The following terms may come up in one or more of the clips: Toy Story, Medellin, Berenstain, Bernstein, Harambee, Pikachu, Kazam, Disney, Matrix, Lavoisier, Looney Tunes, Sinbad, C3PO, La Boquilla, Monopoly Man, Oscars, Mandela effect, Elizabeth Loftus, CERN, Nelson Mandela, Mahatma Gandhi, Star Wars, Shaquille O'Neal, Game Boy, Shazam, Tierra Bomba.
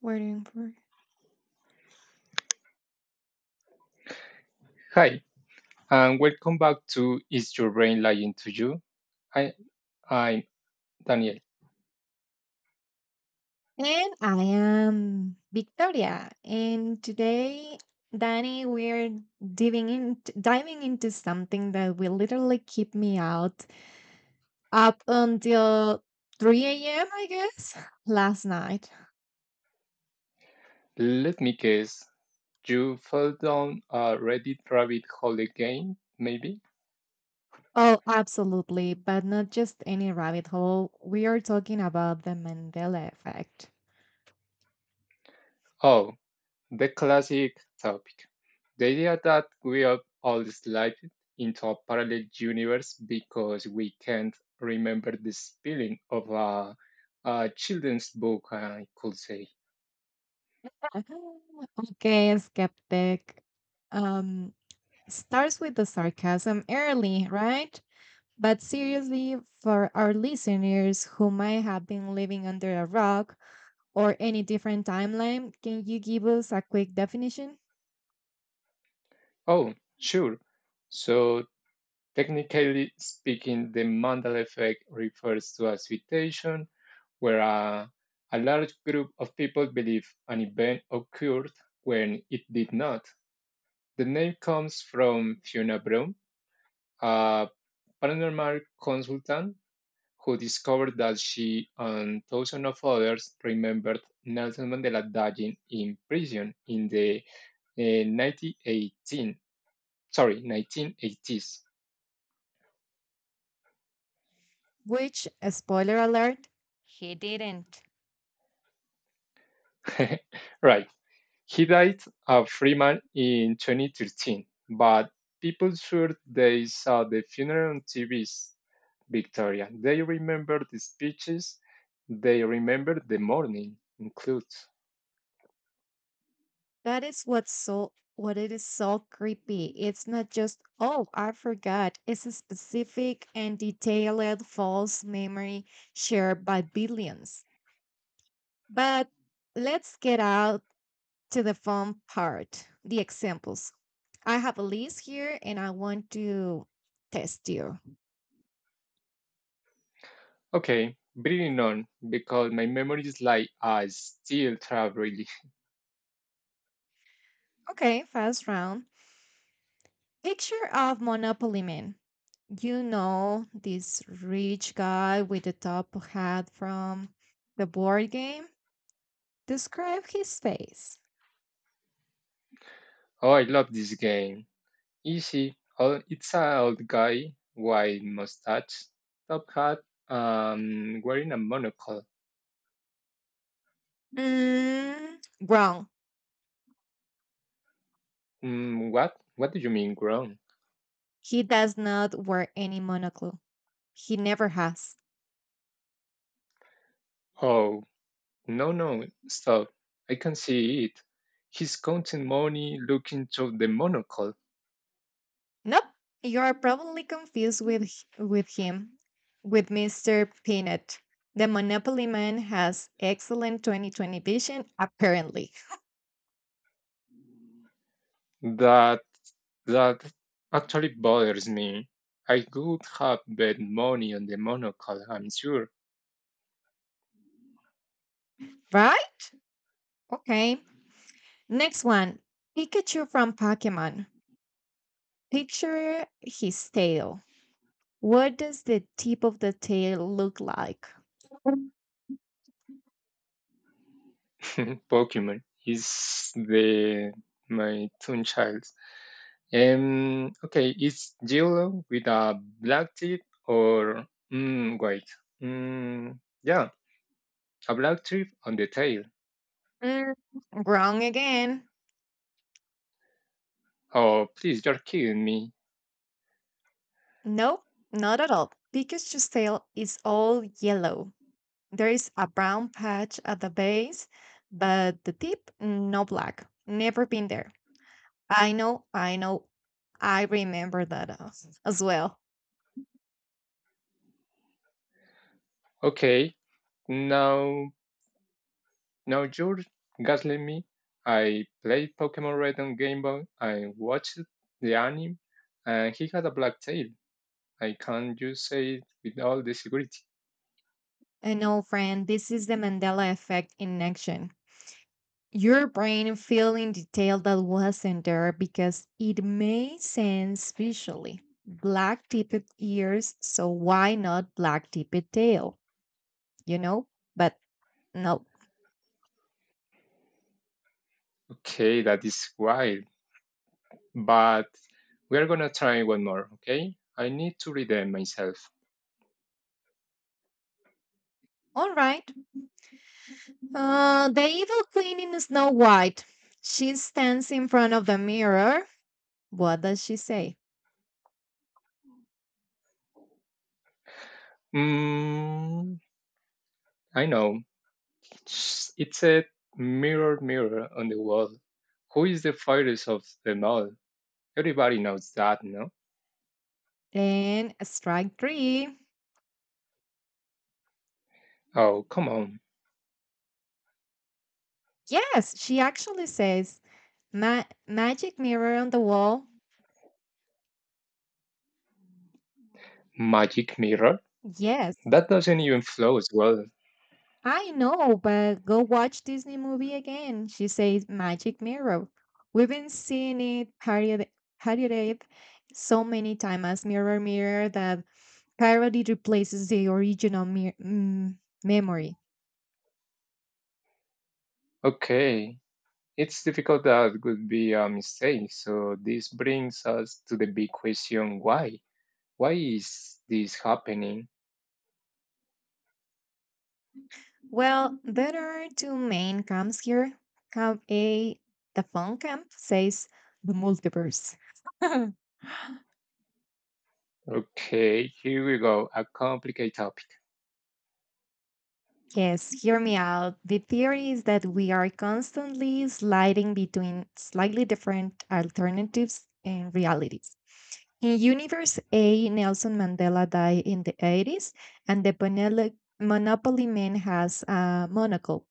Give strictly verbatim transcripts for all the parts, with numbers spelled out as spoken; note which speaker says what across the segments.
Speaker 1: Waiting for.
Speaker 2: Hi, and welcome back to Is Your Brain Lying to You? I, I'm Daniel.
Speaker 1: And I am Victoria. And today, Danny, we're diving in, diving into something that will literally keep me out up until three a m, I guess, last night.
Speaker 2: Let me guess, you fell down a Reddit rabbit hole again, maybe?
Speaker 1: Oh, absolutely. But not just any rabbit hole. We are talking about the Mandela effect.
Speaker 2: Oh, the classic topic. The idea that we are all slide into a parallel universe because we can't remember the spelling of a, a children's book, I could say.
Speaker 1: Okay, skeptic. Um, starts with the sarcasm early, right? But seriously, for our listeners who might have been living under a rock or any different timeline, can you give us a quick definition?
Speaker 2: Oh, sure. So technically speaking, the Mandela effect refers to a situation where a, a large group of people believe an event occurred when it did not. The name comes from Fiona Brown, a paranormal consultant who discovered that she and thousands of others remembered Nelson Mandela dying in prison in the uh, nineteen eighteen, sorry, nineteen eighties.
Speaker 1: Which, spoiler alert, he didn't.
Speaker 2: Right. He died at Freeman in twenty thirteen, but people sure they saw the funeral on T V's Victoria. They remember the speeches, they remember the morning, includes.
Speaker 1: That is what's so what it is so creepy. It's not just, oh, I forgot. It's a specific and detailed false memory shared by billions. But let's get out to the fun part, the examples. I have a list here and I want to test you.
Speaker 2: Okay, breathing on, because my memory is like I still travel really.
Speaker 1: Okay, first round. Picture of Monopoly Man. You know, this rich guy with the top hat from the board game. Describe his face.
Speaker 2: Oh, I love this game. Easy. Oh, it's an old guy, white mustache, top hat, um, wearing a monocle.
Speaker 1: Mm, wrong.
Speaker 2: Mm, what? What do you mean grown?
Speaker 1: He does not wear any monocle. He never has.
Speaker 2: Oh, no, no, stop. I can see it. He's counting money, looking to the monocle.
Speaker 1: Nope, you are probably confused with h- with him, with mister Peanut. The Monopoly Man has excellent twenty twenty vision, apparently.
Speaker 2: That that actually bothers me. I would have bet money on the monocle, I'm sure.
Speaker 1: Right? Okay. Next one. Pikachu from Pokemon. Picture his tail. What does the tip of the tail look like?
Speaker 2: Pokemon is the my tune child. Um, okay, is yellow with a black tip or mm, wait? Mm, yeah, a black tip on the tail.
Speaker 1: Mm, wrong again.
Speaker 2: Oh, please, you're killing me.
Speaker 1: Nope, not at all. Pikachu's tail is all yellow. There is a brown patch at the base, but the tip, no black. Never been there. I know, I know. I remember that as as well.
Speaker 2: Okay, now now you're gaslighting me. I played Pokemon Red on Game Boy. I watched the anime, and he had a black tail. I can't just say it with all the security.
Speaker 1: And no, friend, this is the Mandela effect in action. Your brain filling detail that wasn't there because it made sense visually. Black tipped ears, so why not black tipped tail? You know? But no.
Speaker 2: Okay, that is wild. But we're gonna try one more, okay? I need to read them myself.
Speaker 1: All right. Uh, the evil queen in Snow White. She stands in front of the mirror. What does she say?
Speaker 2: Mm, I know. It said, mirror, mirror on the wall. Who is the fairest of them all? Everybody knows that, no?
Speaker 1: And strike three.
Speaker 2: Oh, come on.
Speaker 1: Yes, she actually says, Ma- Magic mirror on the wall.
Speaker 2: Magic mirror?
Speaker 1: Yes.
Speaker 2: That doesn't even flow as well.
Speaker 1: I know, but go watch Disney movie again. She says Magic Mirror. We've been seeing it parodied, parodied so many times as Mirror Mirror that parody replaces the original mir- mm, memory.
Speaker 2: Okay. It's difficult that could be a mistake. So this brings us to the big question why? Why is this happening?
Speaker 1: Well, there are two main camps here. Camp A, the fun camp, says the multiverse.
Speaker 2: Okay, here we go. A complicated topic.
Speaker 1: Yes, hear me out. The theory is that we are constantly sliding between slightly different alternatives and realities. In Universe A, Nelson Mandela died in the eighties, and the Monel- Monopoly Man has a monocle.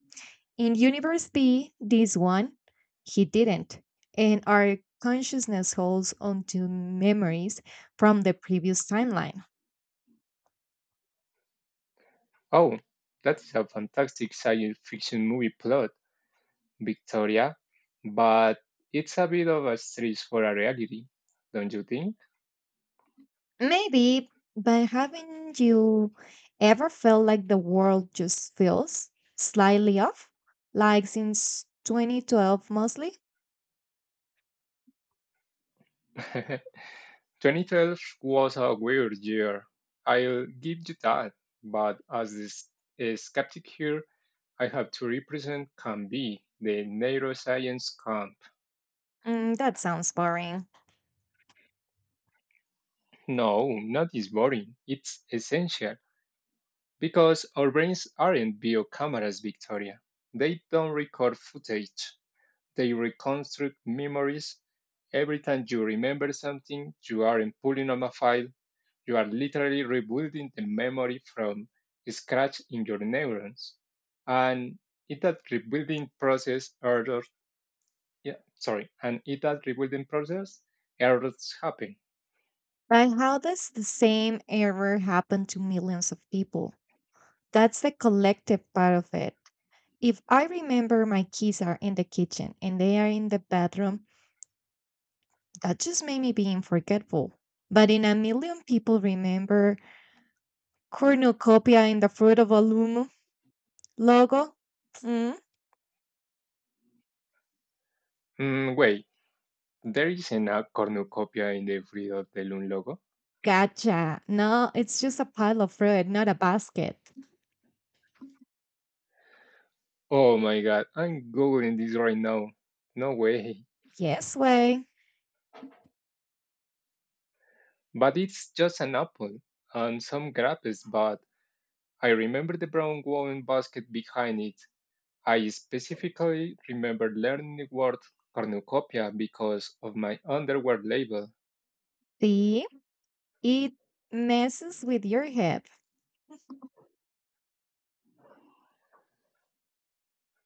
Speaker 1: In Universe B, this one, he didn't. And our consciousness holds onto memories from the previous timeline.
Speaker 2: Oh, that's a fantastic science fiction movie plot, Victoria. But it's a bit of a stretch for a reality, don't you think?
Speaker 1: Maybe, but haven't you ever felt like the world just feels slightly off? Like since twenty twelve mostly?
Speaker 2: twenty twelve was a weird year. I'll give you that. But as this a skeptic here, I have to represent can be the neuroscience camp.
Speaker 1: Mm, that sounds boring.
Speaker 2: No, not is boring. It's essential because our brains aren't bio cameras, Victoria. They don't record footage. They reconstruct memories. Every time you remember something, you aren't pulling up a file. You are literally rebuilding the memory from scratch in your neurons. And in that rebuilding process, errors, yeah, sorry, and in that rebuilding process, errors happen.
Speaker 1: But how does the same error happen to millions of people? That's the collective part of it. If I remember my keys are in the kitchen and they are in the bathroom, that just made me being forgetful. But in a million people remember cornucopia in the fruit of a loom logo? Mm,
Speaker 2: Hmm, wait, there isn't a cornucopia in the Free of the logo?
Speaker 1: gotcha. No, it's just a pile of fruit, not a basket.
Speaker 2: Oh my god, I'm googling this right now. No way.
Speaker 1: Yes way.
Speaker 2: But it's just an apple and some grapes, but I remember the brown woven basket behind it. I specifically remember learning the word cornucopia because of my underwear label.
Speaker 1: See, it messes with your head.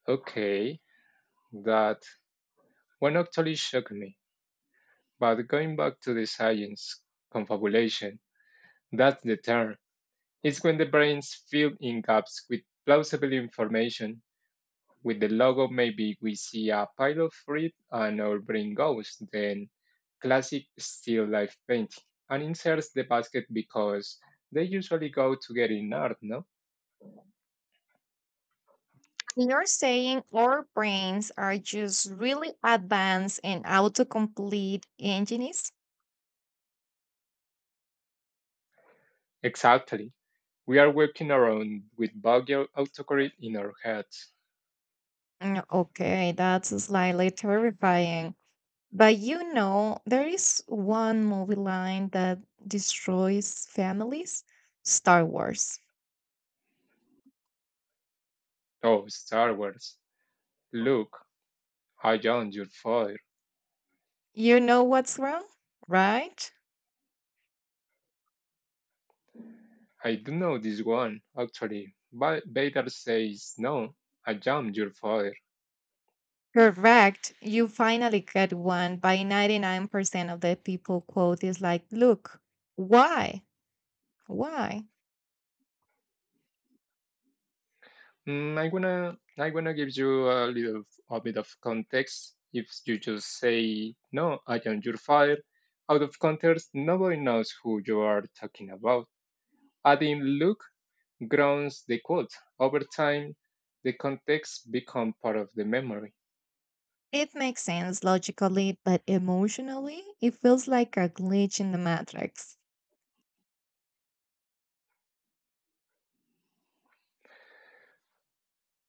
Speaker 2: Okay, that one actually shocked me. But going back to the science, confabulation, that's the term. It's when the brains fill in gaps with plausible information. With the logo, maybe we see a pile of fruit and our brain goes, then classic still life painting, and inserts the basket because they usually go together in art, no?
Speaker 1: You're saying our brains are just really advanced in autocomplete engines?
Speaker 2: Exactly. We are walking around with buggy autocorrect in our heads.
Speaker 1: Mm, okay, that's slightly terrifying. But you know, there is one movie line that destroys families Star Wars.
Speaker 2: Oh, Star Wars. Look, I joined your father.
Speaker 1: You know what's wrong, right?
Speaker 2: I do know this one, actually. But Vader says, no, I jumped your father.
Speaker 1: Correct. You finally get one by ninety-nine percent of the people quote is like, look, why? Why?
Speaker 2: Mm, I'm gonna, I'm gonna give you a little, a bit of context. If you just say, no, I jumped your father, out of context, nobody knows who you are talking about. Adding Luke grounds the quote. Over time, the context become part of the memory.
Speaker 1: It makes sense logically, but emotionally, it feels like a glitch in the matrix.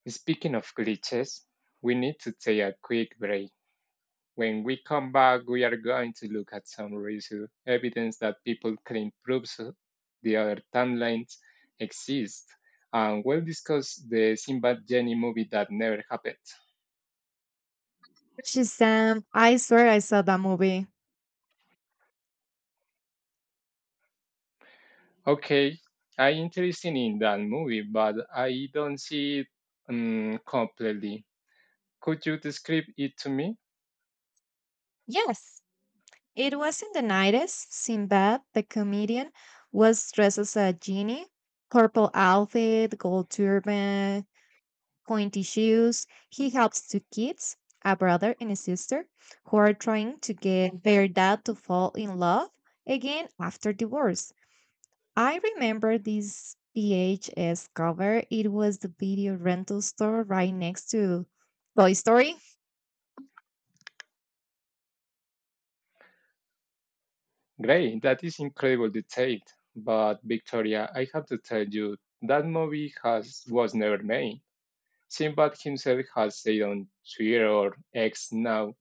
Speaker 2: Speaking of glitches, we need to take a quick break. When we come back, we are going to look at some real evidence that people claim proves the other timelines exist, and we'll discuss the Sinbad Jenny movie that never happened.
Speaker 1: Shazam, I swear I saw that movie.
Speaker 2: Okay, I'm interested in that movie, but I don't see it um, completely. Could you describe it to me?
Speaker 1: Yes, it was in the nineties. Sinbad, the comedian, was dressed as a genie, purple outfit, gold turban, pointy shoes. He helps two kids, a brother and a sister, who are trying to get their dad to fall in love again after divorce. I remember this V H S cover. It was the video rental store right next to Toy Story.
Speaker 2: Great, that is incredible detail. But Victoria, I have to tell you, that movie has was never made. Sinbad himself has said on Twitter or X now,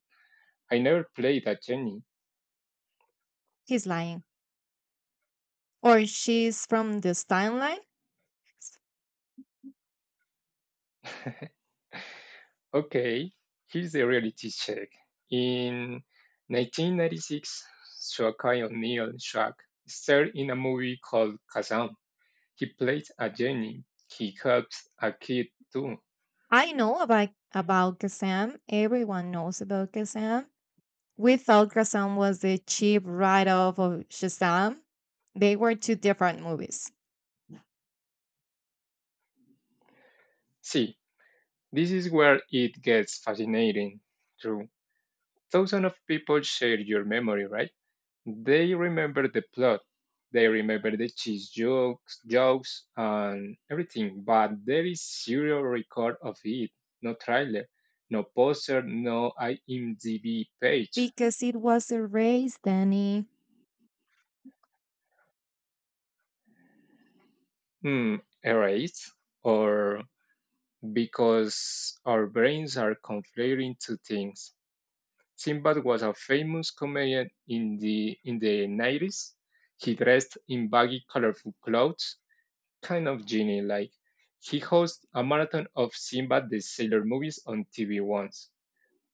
Speaker 2: I never played a genie.
Speaker 1: He's lying. Or she's from this timeline.
Speaker 2: Okay, here's the reality check. In nineteen ninety-six, Shaquille O'Neal Shaq starred in a movie called Kazam. He played a genie. He helps a kid too.
Speaker 1: I know about about Kazam. Everyone knows about Kazam. We thought Kazam was the cheap write-off of Shazam. They were two different movies.
Speaker 2: See, this is where it gets fascinating. Thousands of people share your memory, right? They remember the plot, they remember the cheese jokes, jokes and everything, but there is zero record of it. No trailer, no poster, no IMDb page.
Speaker 1: Because it was erased, Danny.
Speaker 2: Hmm, erased, or because our brains are conflating two things. Sinbad was a famous comedian in the in the nineties. He dressed in baggy, colorful clothes kind of genie. Like he hosts a marathon of Sinbad the Sailor movies on T V once.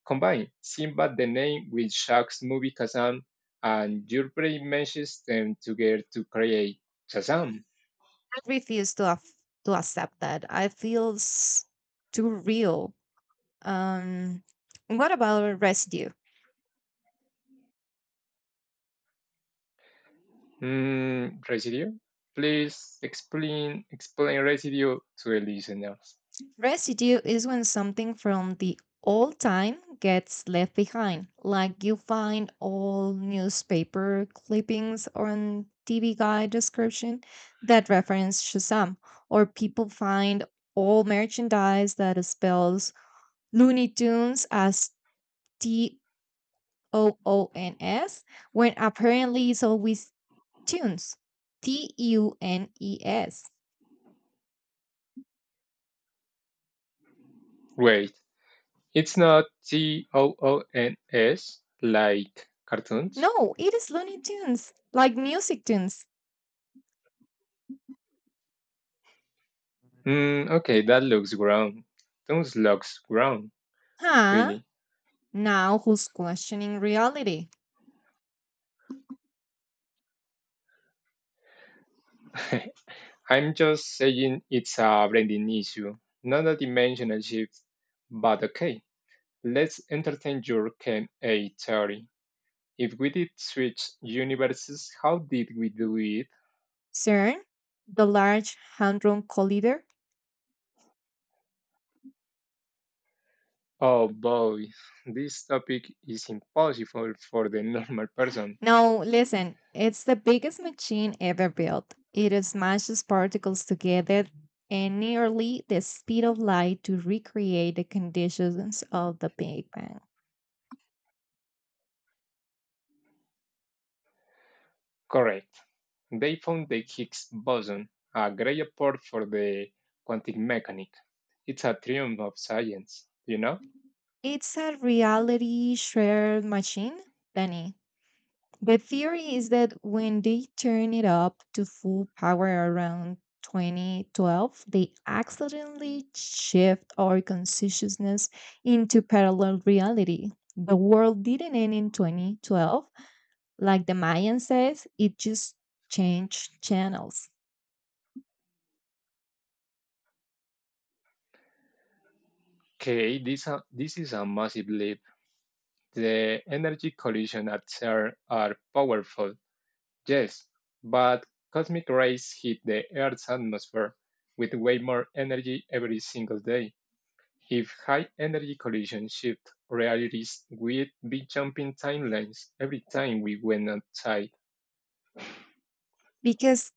Speaker 2: Combine Sinbad the name with Shaq's movie Kazam, and your brain meshes them together to create Shazam.
Speaker 1: I refuse to af- to accept that. I feels too real. Um, what about residue?
Speaker 2: Hmm, residue? Please explain explain residue to the listeners.
Speaker 1: Residue is when something from the old time gets left behind, like you find old newspaper clippings on T V guide description that reference Shazam, or people find old merchandise that spells Looney Tunes as T O O N S when apparently it's always tunes. T U N E S.
Speaker 2: Wait, it's not T O O N S like cartoons.
Speaker 1: No, it is Looney Tunes, like music tunes.
Speaker 2: Hmm, okay, that looks ground. Those looks ground,
Speaker 1: Huh?
Speaker 2: really.
Speaker 1: Now who's questioning reality?
Speaker 2: I'm just saying it's a branding issue, not a dimensional shift. But okay, let's entertain your Ken A theory. If we did switch universes, how did we do it?
Speaker 1: CERN, the Large Hadron Collider.
Speaker 2: Oh boy, this topic is impossible for the normal person.
Speaker 1: No, listen, it's the biggest machine ever built. It smashes particles together at nearly the speed of light to recreate the conditions of the Big Bang.
Speaker 2: Correct. They found the Higgs boson, a great apport for the quantum mechanics. It's a triumph of science, you know?
Speaker 1: It's a reality shared machine, Danny. The theory is that when they turned it up to full power around twenty twelve, they accidentally shift our consciousness into parallel reality. The world didn't end in twenty twelve. Like the Mayan says, it just changed channels.
Speaker 2: Okay, this, uh, this is a massive leap. The energy collision at CERN are powerful, yes, but cosmic rays hit the Earth's atmosphere with way more energy every single day. If high energy collision shift realities, we'd be jumping timelines every time we went outside.
Speaker 1: Because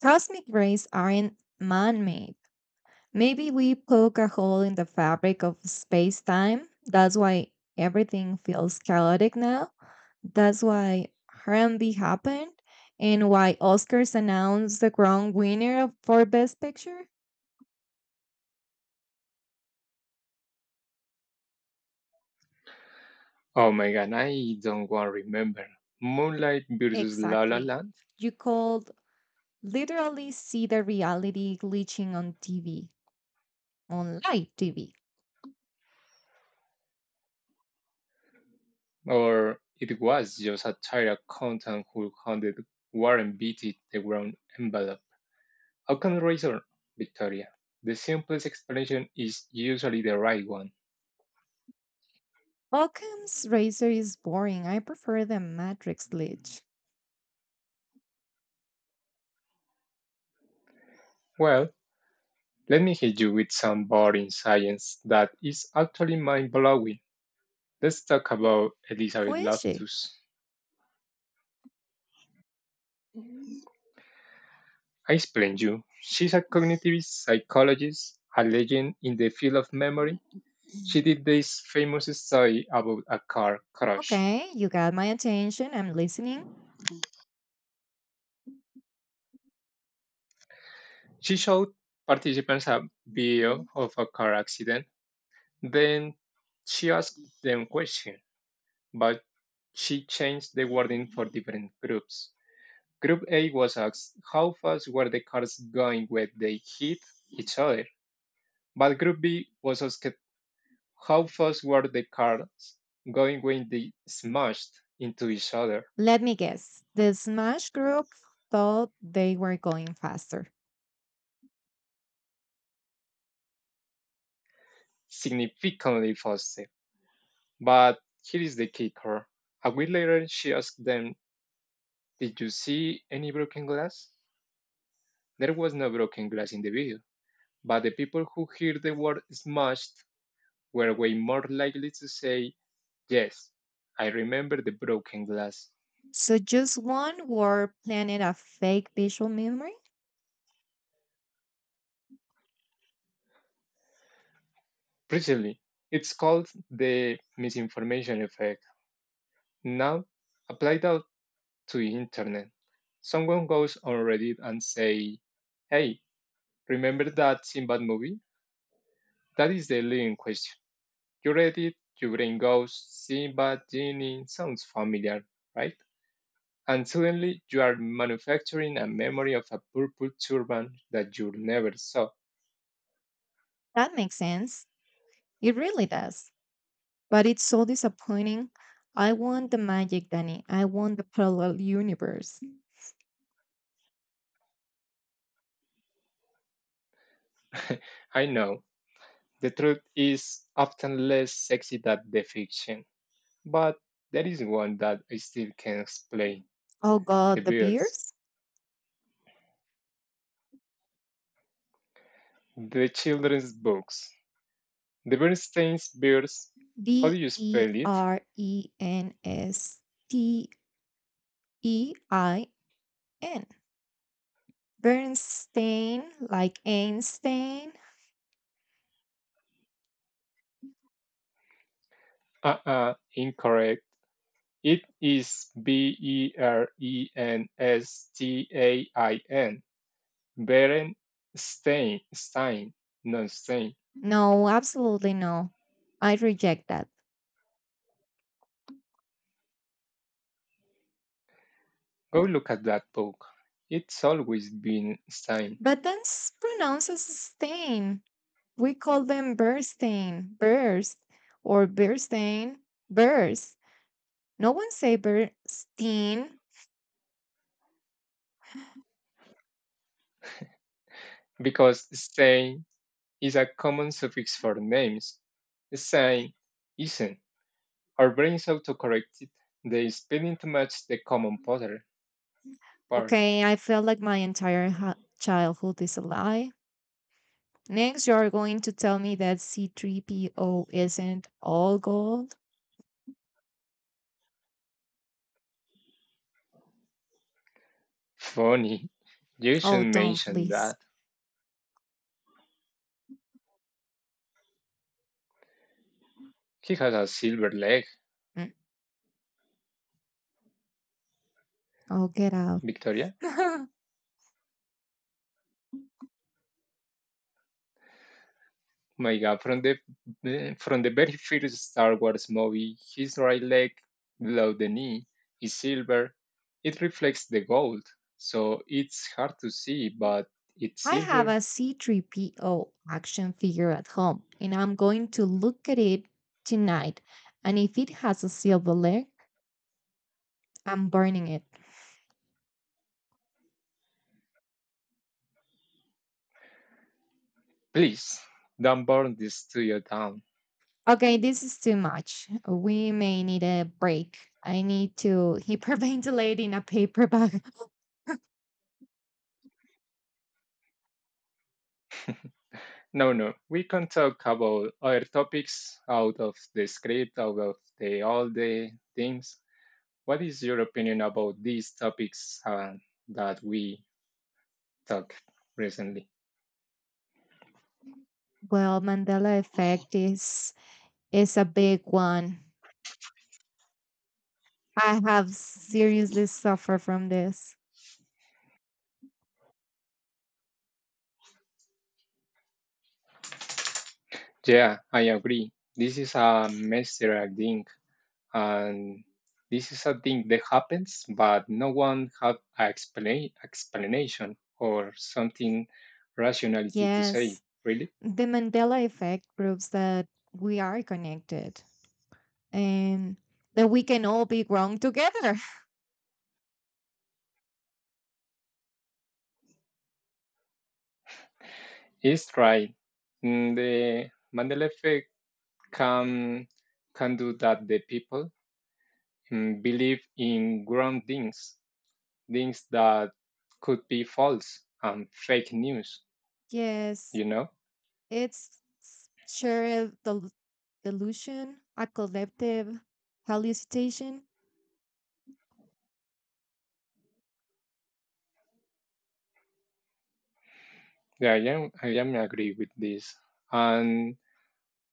Speaker 1: cosmic rays aren't man made. Maybe we poke a hole in the fabric of space time. That's why everything feels chaotic now. That's why Harambee happened and why Oscars announced the wrong winner of- for Best Picture.
Speaker 2: Oh my god, I don't want to remember. Moonlight versus La La
Speaker 1: Exactly.
Speaker 2: Land?
Speaker 1: You could literally see the reality glitching on T V, on live T V.
Speaker 2: Or it was just a tired accountant who handed Warren Beatty the brown envelope. How can we reason, Victoria? The simplest explanation is usually the right one.
Speaker 1: Occam's razor is boring. I prefer the Matrix glitch.
Speaker 2: Well, let me hit you with some boring science that is actually mind blowing. Let's talk about
Speaker 1: Who
Speaker 2: Elizabeth
Speaker 1: is she?
Speaker 2: Loftus. I explained you. She's a cognitive psychologist, a legend in the field of memory. She did this famous study about a car crash.
Speaker 1: Okay, you got my attention. I'm listening.
Speaker 2: She showed participants a video of a car accident. Then she asked them questions, but she changed the wording for different groups. Group A was asked how fast were the cars going when they hit each other, but Group B was asked how fast were the cars going when they smashed into each other,
Speaker 1: Let me guess. The Smash group thought they were going faster.
Speaker 2: significantly faster. But here is the kicker. A week later, she asked them, did you see any broken glass? There was no broken glass in the video, but the people who heard the word smashed were way more likely to say, yes, I remember the broken glass.
Speaker 1: So just one word planted a fake visual memory?
Speaker 2: Precisely. It's called the misinformation effect. Now, apply that to the internet. Someone goes on Reddit and say, hey, remember that Sinbad movie? That is the leading question. You read it, your brain goes, Sinbad, genie, sounds familiar, right? And suddenly you are manufacturing a memory of a purple turban that you never saw.
Speaker 1: That makes sense. It really does. But it's so disappointing. I want the magic, Danny. I want the parallel universe.
Speaker 2: I know, the truth is often less sexy than the fiction, but there is one that I still can explain:
Speaker 1: Oh
Speaker 2: the
Speaker 1: God, the
Speaker 2: bears,
Speaker 1: beers?
Speaker 2: the children's books. The Bernstein's bears, how do
Speaker 1: B
Speaker 2: you
Speaker 1: E
Speaker 2: spell it?
Speaker 1: R E N S T E I N. Bernstein, like Einstein.
Speaker 2: Uh uh, incorrect. It is B E R E N S T A I N. Beren Stein, Stein, not Stein.
Speaker 1: No, absolutely no. I reject that.
Speaker 2: Go look at that book. It's always been Stein,
Speaker 1: But then s- pronounce as stain. We call them Bernstein, Burst, or Bernstein, Burst. No one say Bernstein.
Speaker 2: because Stein is a common suffix for names. Stein isn't. Our brains autocorrected the spelling to match the common pattern. Part.
Speaker 1: Okay, I feel like my entire ha- childhood is a lie. Next, you're going to tell me that C3PO isn't all gold?
Speaker 2: Funny, you
Speaker 1: Oh,
Speaker 2: should
Speaker 1: don't,
Speaker 2: mention that.
Speaker 1: please.
Speaker 2: He has a silver leg,
Speaker 1: Mm, oh, get out.
Speaker 2: Victoria. My God, from the the- from the very first Star Wars movie, his right leg below the knee is silver. It reflects the gold, so it's hard to see, but it's
Speaker 1: I have
Speaker 2: silver.
Speaker 1: a C3PO action figure at home, and I'm going to look at it tonight. And if it has a silver leg, I'm burning it.
Speaker 2: Please don't burn this studio down.
Speaker 1: Okay, this is too much. We may need a break. I need to hyperventilate in a paper bag.
Speaker 2: No, no, we can talk about other topics out of the script, out of the all the things. What is your opinion about these topics uh, that we talked recently?
Speaker 1: Well, Mandela effect is is a big one. I have seriously suffered from this.
Speaker 2: Yeah, I agree. This is a messenger thing, and this is a thing that happens, but no one have an explain, explanation or something rationality to say.
Speaker 1: Yes,
Speaker 2: Really,
Speaker 1: the Mandela effect proves that we are connected. And that we can all be grown together.
Speaker 2: it's right. Mm, The Mandela effect can can do that. The people mm, believe in ground things, things that could be false and fake news.
Speaker 1: Yes,
Speaker 2: You know.
Speaker 1: it's s- shared del- delusion, a collective hallucination.
Speaker 2: Yeah, I am. I am agree with this and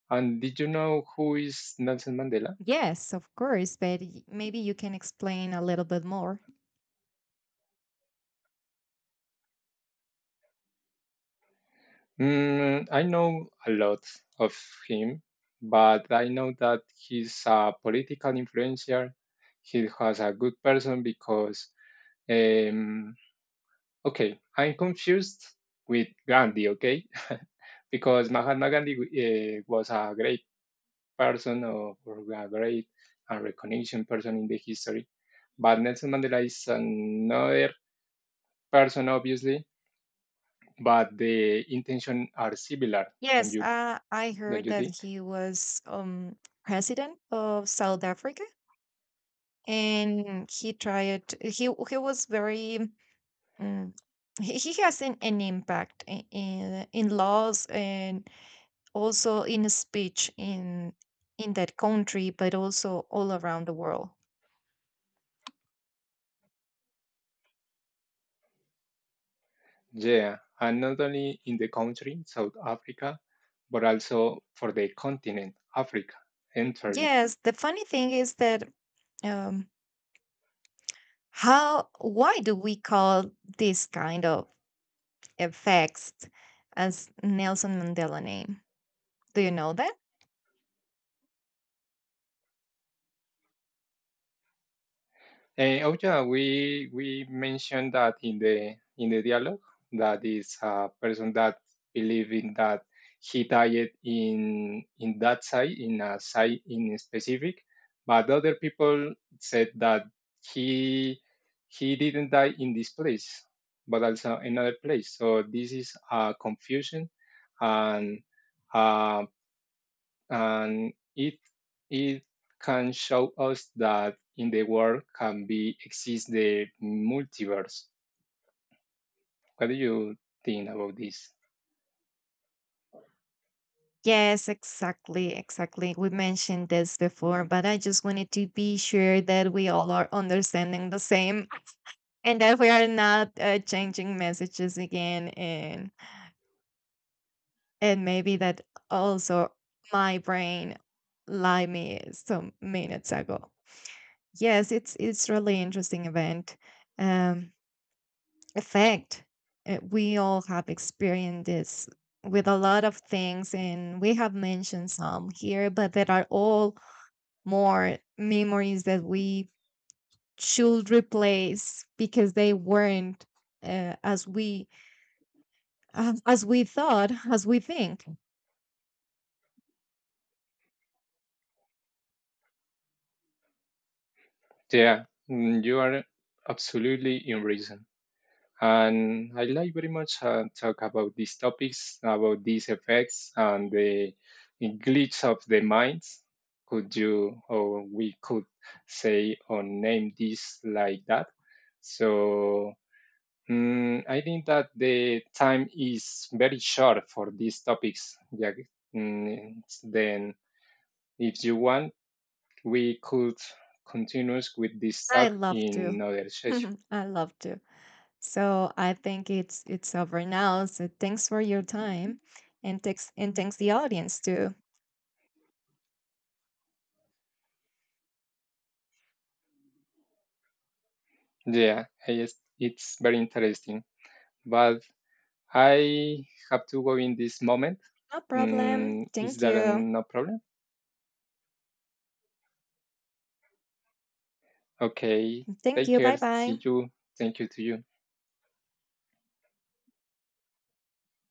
Speaker 2: And did you know who is Nelson Mandela?
Speaker 1: Yes, of course, but y- maybe you can explain a little bit more.
Speaker 2: Mm, I know a lot of him, but I know that he's a political influencer. He has a good person because, um, okay, I'm confused with Gandhi, okay? Because Mahatma Gandhi uh, was a great person or, or a great and recognition person in the history. But Nelson Mandela is another person, obviously, but the intention are similar, don't
Speaker 1: Yes,
Speaker 2: you
Speaker 1: uh, I
Speaker 2: don't
Speaker 1: heard
Speaker 2: you
Speaker 1: that
Speaker 2: think?
Speaker 1: he was um, president of South Africa, and he tried. He he was very. Um, he, he has an, an impact in, in in laws and also in speech in in that country but also all around the world.
Speaker 2: Yeah, and not only in the country South Africa, but also for the continent Africa entirely.
Speaker 1: Yes, the funny thing is that um how why do we call this kind of effects as Nelson Mandela name. Do you know that?
Speaker 2: Eh, oh yeah, we we mentioned that in the in the dialogue that is a person that believe in that he died in in that site in a site in specific, but other people said that he he didn't die in this place, but also another place. So this is a confusion and. um, and it it can show us that in the world can be exist the multiverse. What do you think about this?
Speaker 1: Yes, exactly, exactly. We mentioned this before, but I just wanted to be sure that we all are understanding the same and that we are not uh, changing messages again and and maybe that also my brain lied me some minutes ago. Yes, it's it's really interesting event um effect. Uh, we all have experienced this with a lot of things and we have mentioned some here, but that are all more memories that we should replace because they weren't uh, as we as as we thought as we think.
Speaker 2: Yeah, mm, you are absolutely in reason. And I like very much uh, talk about these topics, about these effects and the glitch of the minds. Could you or we could say or name this like that? So Mm, I think that the time is very short for these topics. Yeah, mm, then, if you want, we could continue with this
Speaker 1: I
Speaker 2: talk
Speaker 1: love
Speaker 2: in
Speaker 1: to.
Speaker 2: another session.
Speaker 1: I love to So I think it's it's over now. So thanks for your time and thanks and thanks the audience too.
Speaker 2: Yeah, I just, it's very interesting. But I have to go in this moment.
Speaker 1: No problem.
Speaker 2: Mm, is
Speaker 1: Thank
Speaker 2: there
Speaker 1: you.
Speaker 2: no problem? Okay,
Speaker 1: Thank
Speaker 2: take
Speaker 1: you.
Speaker 2: care.
Speaker 1: Bye bye.
Speaker 2: See you. Thank you to you.